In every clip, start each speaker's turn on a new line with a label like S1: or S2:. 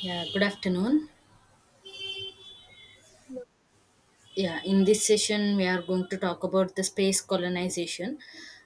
S1: Yeah, good afternoon. Yeah, in this session, we are going to talk about the space colonization.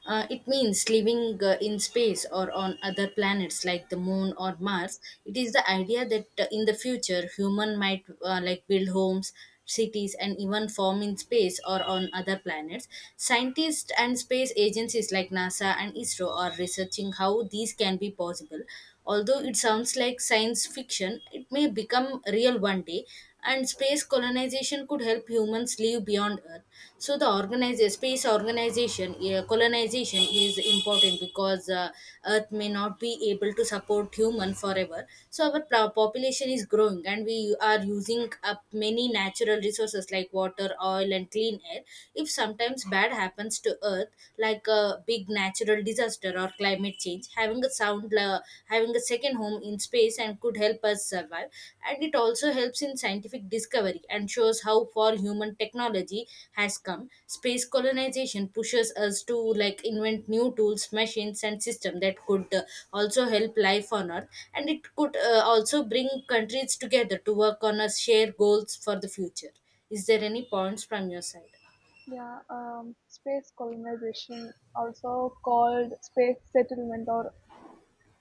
S1: It means living in space or on other planets like the moon or Mars. It is the idea that in the future, human might build homes, cities, and even form in space or on other planets. Scientists and space agencies like NASA and ISRO are researching how these can be possible. Although it sounds like science fiction, it may become real one day, and space colonization could help humans live beyond earth. So the organize space organization colonization is important because earth may not be able to support human forever. So our population is growing and we are using up many natural resources like water, oil, and clean air. If sometimes bad happens to earth like a big natural disaster or climate change, having a second home in space and could help us survive. And it also helps in scientific discovery and shows how far human technology has come. Space colonization pushes us to invent new tools, machines, and systems that could also help life on earth. And it could also bring countries together to work on a shared goals for the future. Is there any points from your side?
S2: Yeah, Space colonization, also called space settlement or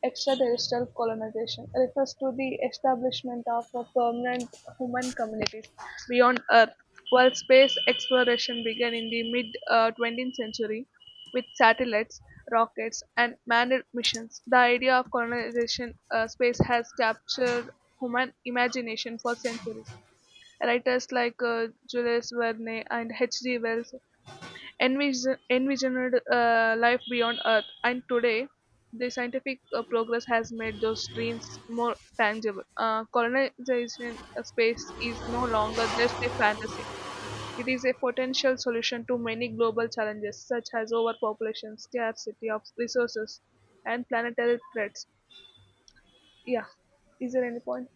S2: extraterrestrial colonization, refers to the establishment of a permanent human communities beyond Earth. While space exploration began in the mid 20th century with satellites, rockets, and manned missions, the idea of colonization space has captured human imagination for centuries. Writers like Jules Verne and H.G. Wells envisioned life beyond Earth, and today the scientific progress has made those dreams more tangible. Colonization of space is no longer just a fantasy. It is a potential solution to many global challenges such as overpopulation, scarcity of resources, and planetary threats. Yeah. Is there any point?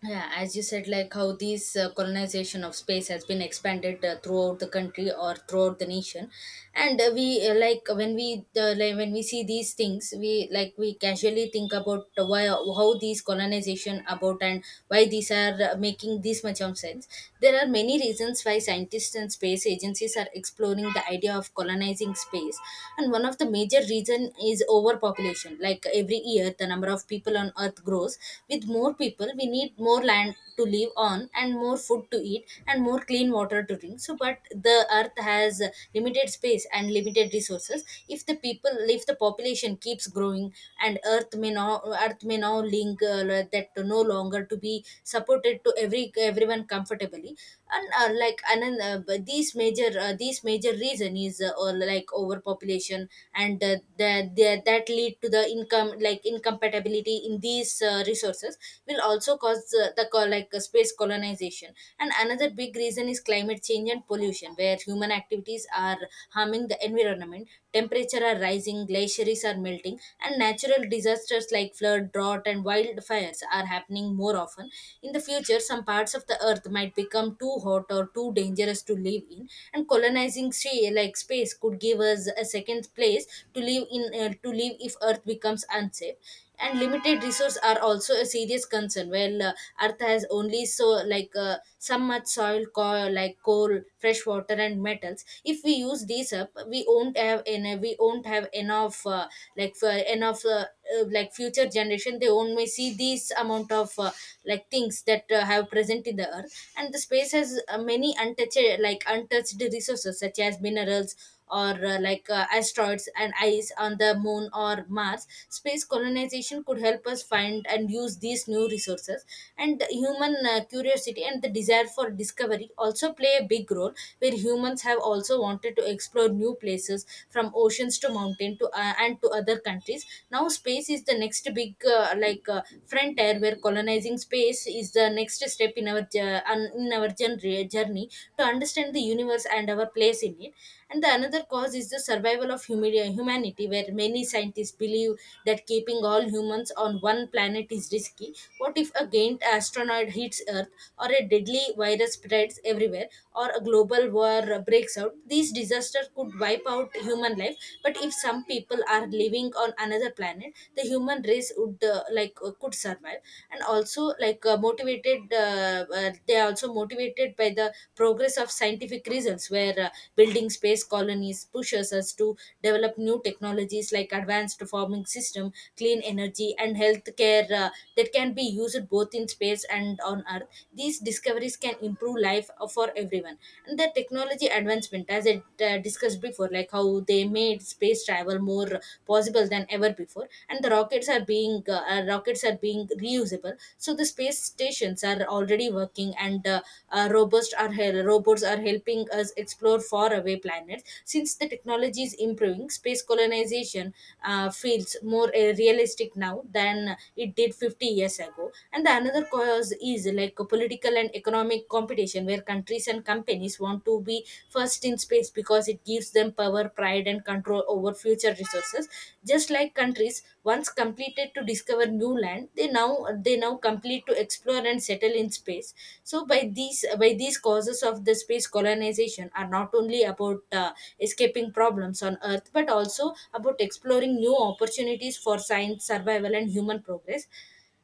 S1: Yeah, as you said, like how this colonization of space has been expanded throughout the country or throughout the nation, and we like when we like when we see these things, we casually think about why how these colonization about and why these are making this much of sense. There are many reasons why scientists and space agencies are exploring the idea of colonizing space, and one of the major reason is overpopulation. Like every year, the number of people on earth grows. With more people, we need more land to live on and more food to eat and more clean water to drink. So but the earth has limited space and limited resources. If the population keeps growing, and earth may now link like that no longer to be supported to everyone comfortably. And but these major reason is all like overpopulation. And the, that lead to the income like incompatibility in these resources will also cause the co- like space colonization. And another big reason is climate change and pollution where human activities are harming the environment. Temperature are rising, glaciers are melting, and natural disasters like flood, drought, and wildfires are happening more often. In the future, some parts of the earth might become too hot or too dangerous to live in. And colonization colonizing sea like space could give us a second place to live in, to live if earth becomes unsafe. And limited resources are also a serious concern. Well, earth has only some much soil, coal, fresh water, and metals. If we use these up, we won't have enough, like for enough, future generation they won't may see this amount of things that have present in the earth. And the space has many untouched, untouched resources such as minerals or asteroids and ice on the moon or mars. Space colonization could help us find and use these new resources. And human curiosity and the desire for discovery also play a big role, where humans have also wanted to explore new places from oceans to mountain to and to other countries. Now space is the next big frontier, where colonizing space is the next step in our journey to understand the universe and our place in it. And the another cause is the survival of humanity, where many scientists believe that keeping all humans on one planet is risky. What if a giant asteroid hits Earth, or a deadly virus spreads everywhere, or a global war breaks out? These disasters could wipe out human life. But if some people are living on another planet, the human race would could survive. And also, like motivated they are also motivated by the progress of scientific reasons, where building space colonies pushes us to develop new technologies like advanced farming system, clean energy, and healthcare, that can be used both in space and on earth. These discoveries can improve life for everyone. And the technology advancement, as I discussed before, like how 2, they made space travel more possible than ever before. And the rockets are being reusable. So the space stations are already working, and robots robots are helping us explore far away planets. Since the technology is improving, space colonization feels more realistic now than it did 50 years ago. And the another cause is like a political and economic competition, where countries and companies want to be first in space because it gives them power, pride, and control over future resources. Just like countries once completed to discover new land, they now complete to explore and settle in space. So by these causes of the space colonization are not only about escaping problems on Earth but also about exploring new opportunities for science, survival, and human progress.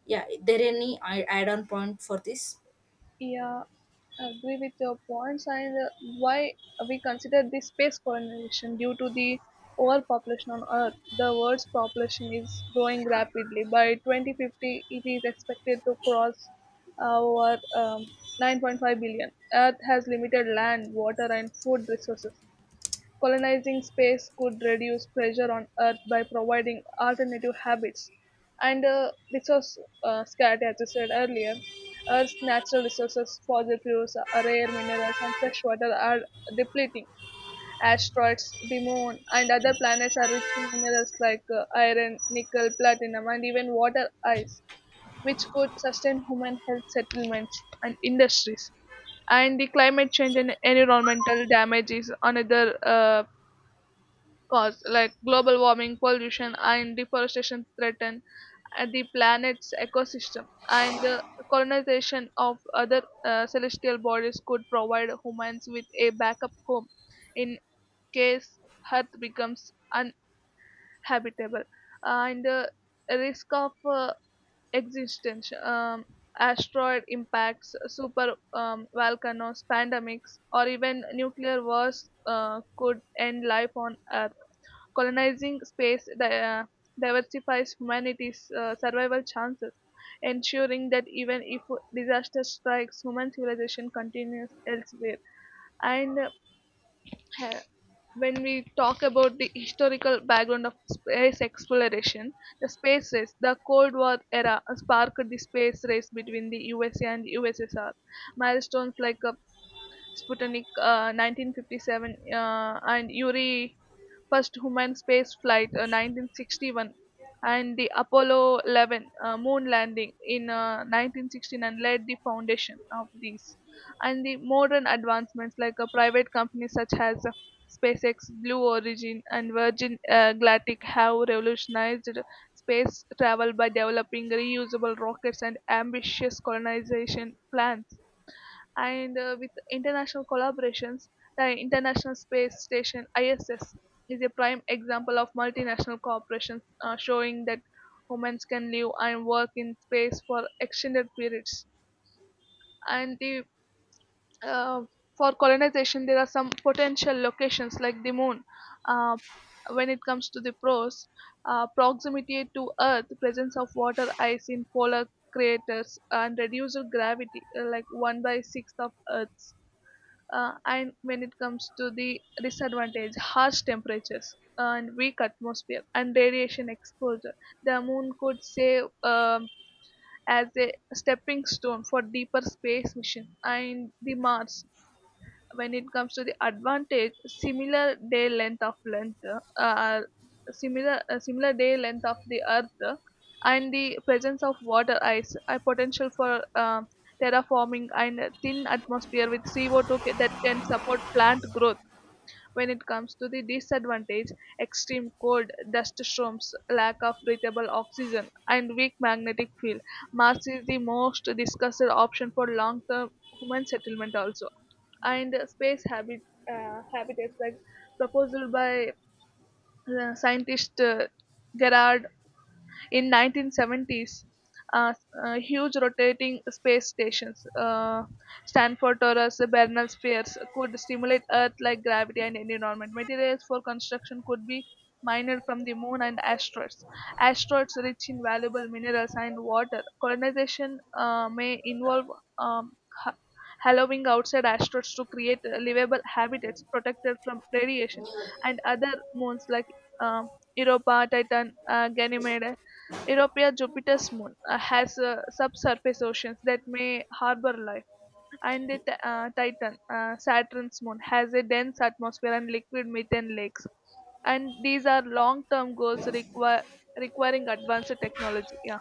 S1: Yeah, there any add on point for this?
S2: Yeah, agree with your points, and why we consider the space colonization due to the overpopulation on earth. The world's population is growing rapidly. By 2050, it is expected to cross over 9.5 billion. Earth has limited land, water, and food resources. Colonizing space could reduce pressure on Earth by providing alternative habits and resource scarcity, as I said earlier. Earth's natural resources, fossil fuels, rare minerals, and fresh water are depleting. Asteroids, the moon, and other planets are rich in minerals like iron, nickel, platinum, and even water ice, which could sustain human health settlements and industries, and the climate change and environmental damage is another cause, like global warming, pollution, and deforestation threaten the planet's ecosystem, and the colonization of other celestial bodies could provide humans with a backup home in case Earth becomes uninhabitable. And the risk of existence, asteroid impacts, super volcanoes, pandemics, or even nuclear wars could end life on Earth. Colonizing space diversifies humanity's survival chances, ensuring that even if disaster strikes, human civilization continues elsewhere. And uh, ha- when we talk about the historical background of space exploration, the space race, the Cold War era sparked the space race between the USA and USSR. Milestones like Sputnik 1957, and Yuri, first human space flight 1961, and the Apollo 11 moon landing in 1969 laid the foundation of these. And the modern advancements, like private companies such as SpaceX, Blue Origin, and Virgin Galactic have revolutionized space travel by developing reusable rockets and ambitious colonization plans, and with international collaborations, the International Space Station, ISS, is a prime example of multinational corporations showing that women can live and work in space for extended periods. And the uh, for colonization, there are some potential locations like the moon. Uh, when it comes to the pros, proximity to Earth, presence of water ice in polar craters, and reduced gravity, like one by sixth of Earth's. And when it comes to the disadvantage, harsh temperatures and weak atmosphere and radiation exposure, the moon could serve as a stepping stone for deeper space mission. And the mars, when it comes to the advantage, similar day length of length, similar day length of the earth, and the presence of water ice, a potential for terraforming, and a thin atmosphere with co2 that can support plant growth. When it comes to the disadvantage, extreme cold, dust storms, lack of breathable oxygen, and weak magnetic field, mars is the most discussed option for long term human settlement also. And space habitats like proposed by scientist Gerard in 1970s, uh, huge rotating space stations, Stanford Torus, Bernal spheres, could simulate Earth like gravity and environment. Materials for construction could be mined from the moon and asteroids. Asteroids rich in valuable minerals and water. Colonization may involve um, ha- hollowing outside asteroids to create livable habitats protected from radiation, and other moons like um, Europa, Titan, Ganymede. Europa, Jupiter's moon, has subsurface oceans that may harbor life, and the Titan, Saturn's moon, has a dense atmosphere and liquid methane lakes. And these are long-term goals require requiring advanced technology. Yeah.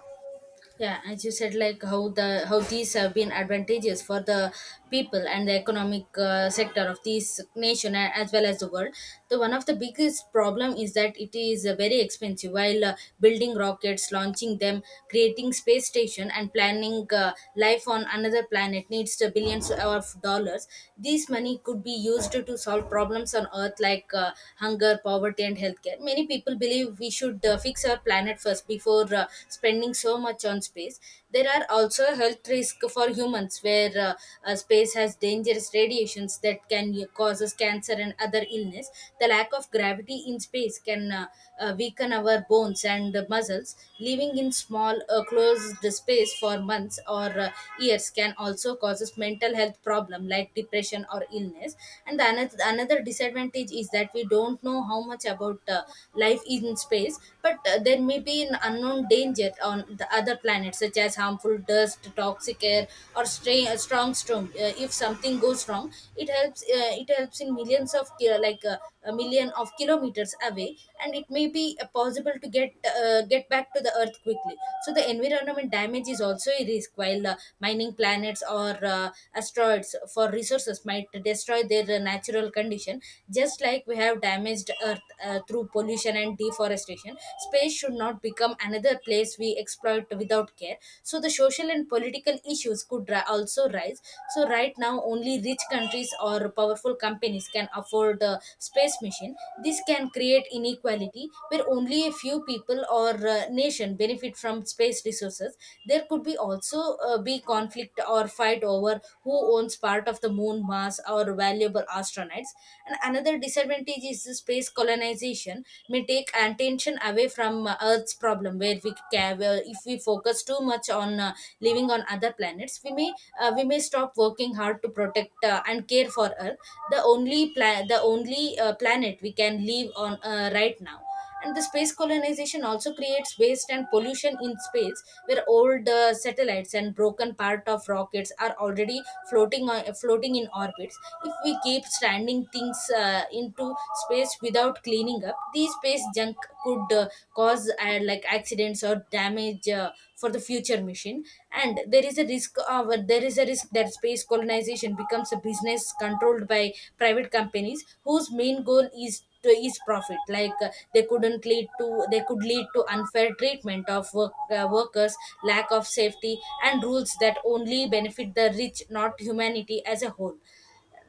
S1: Yeah, as you said, like how the how these have been advantageous for the people and the economic sector of this nation, as well as the world. The one of the biggest problem is that it is very expensive. While building rockets, launching them, creating space station, and planning life on another planet needs the billions of dollars. This money could be used to solve problems on earth like hunger, poverty, and healthcare. Many people believe we should fix our planet first before spending so much on space. There are also health risks for humans, where space has dangerous radiations that can causes cancer and other illness. The lack of gravity in space can weaken our bones and muscles. Living in small, closed space for months or years can also causes mental health problem like depression or illness. And the another disadvantage is that we don't know how much about life in space. But there may be an unknown danger on the other planets such as harmful dust, toxic air, or strong storm. If something goes wrong, it helps in millions of ki- like a million of kilometers away. And it may be possible to get back to the earth quickly. So the environment damage is also a risk, while mining planets or asteroids for resources might destroy their natural condition. Just like we have damaged earth through pollution and deforestation, space should not become another place we exploit without care. So the social and political issues could also rise. So right now, only rich countries or powerful companies can afford the space mission. This can create inequality where only a few people or nation benefit from space resources. There could be also be conflict or fight over who owns part of the moon, Mars, or valuable astronauts. And another disadvantage is the space colonization may take and tension away from earth's problem, where we care, where if we focus too much on living on other planets, we may stop working hard to protect and care for earth, the only planet we can live on right now. And the space colonization also creates waste and pollution in space, where old satellites and broken part of rockets are already floating in orbits. If we keep standing things into space without cleaning up, these space junk could cause accidents or damage for the future mission. And there is a risk of there is a risk that space colonization becomes a business controlled by private companies whose main goal is to is profit. They couldn't lead to they could lead to unfair treatment of workers, lack of safety and rules that only benefit the rich, not humanity as a whole.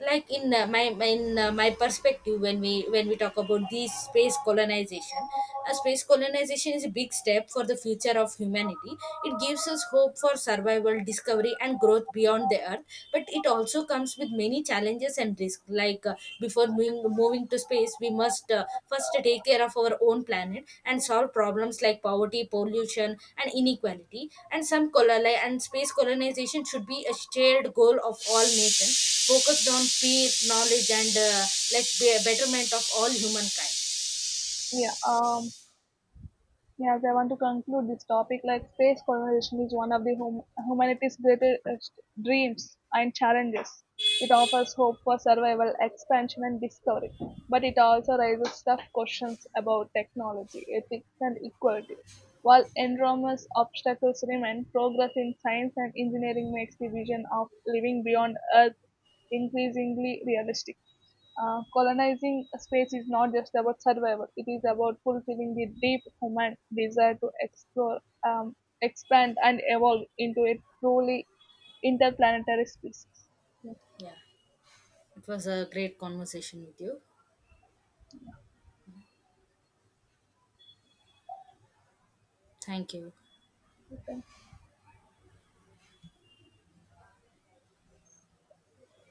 S1: Like in my perspective, when we talk about this space colonization, space colonization is a big step for the future of humanity. It gives us hope for survival, discovery, and growth beyond the earth. But it also comes with many challenges and risks. Like before moving to space, we must first take care of our own planet and solve problems like poverty, pollution, and inequality. And some colon and space colonization should be a shared goal of all nations focused on peer knowledge and betterment of all humankind.
S2: Yeah, um, Yes, I want to conclude this topic. Like space colonization is one of the humanity's greatest dreams and challenges. It offers hope for survival, expansion, and discovery, but it also raises tough questions about technology, ethics, and equality. While enormous obstacles remain, progress in science and engineering makes the vision of living beyond Earth increasingly realistic. Colonizing space is not just about survival, it is about fulfilling the deep human desire to explore, um, expand, and evolve into a truly interplanetary species. Yeah,
S1: Yeah. It was a great conversation with you. Thank you.
S2: you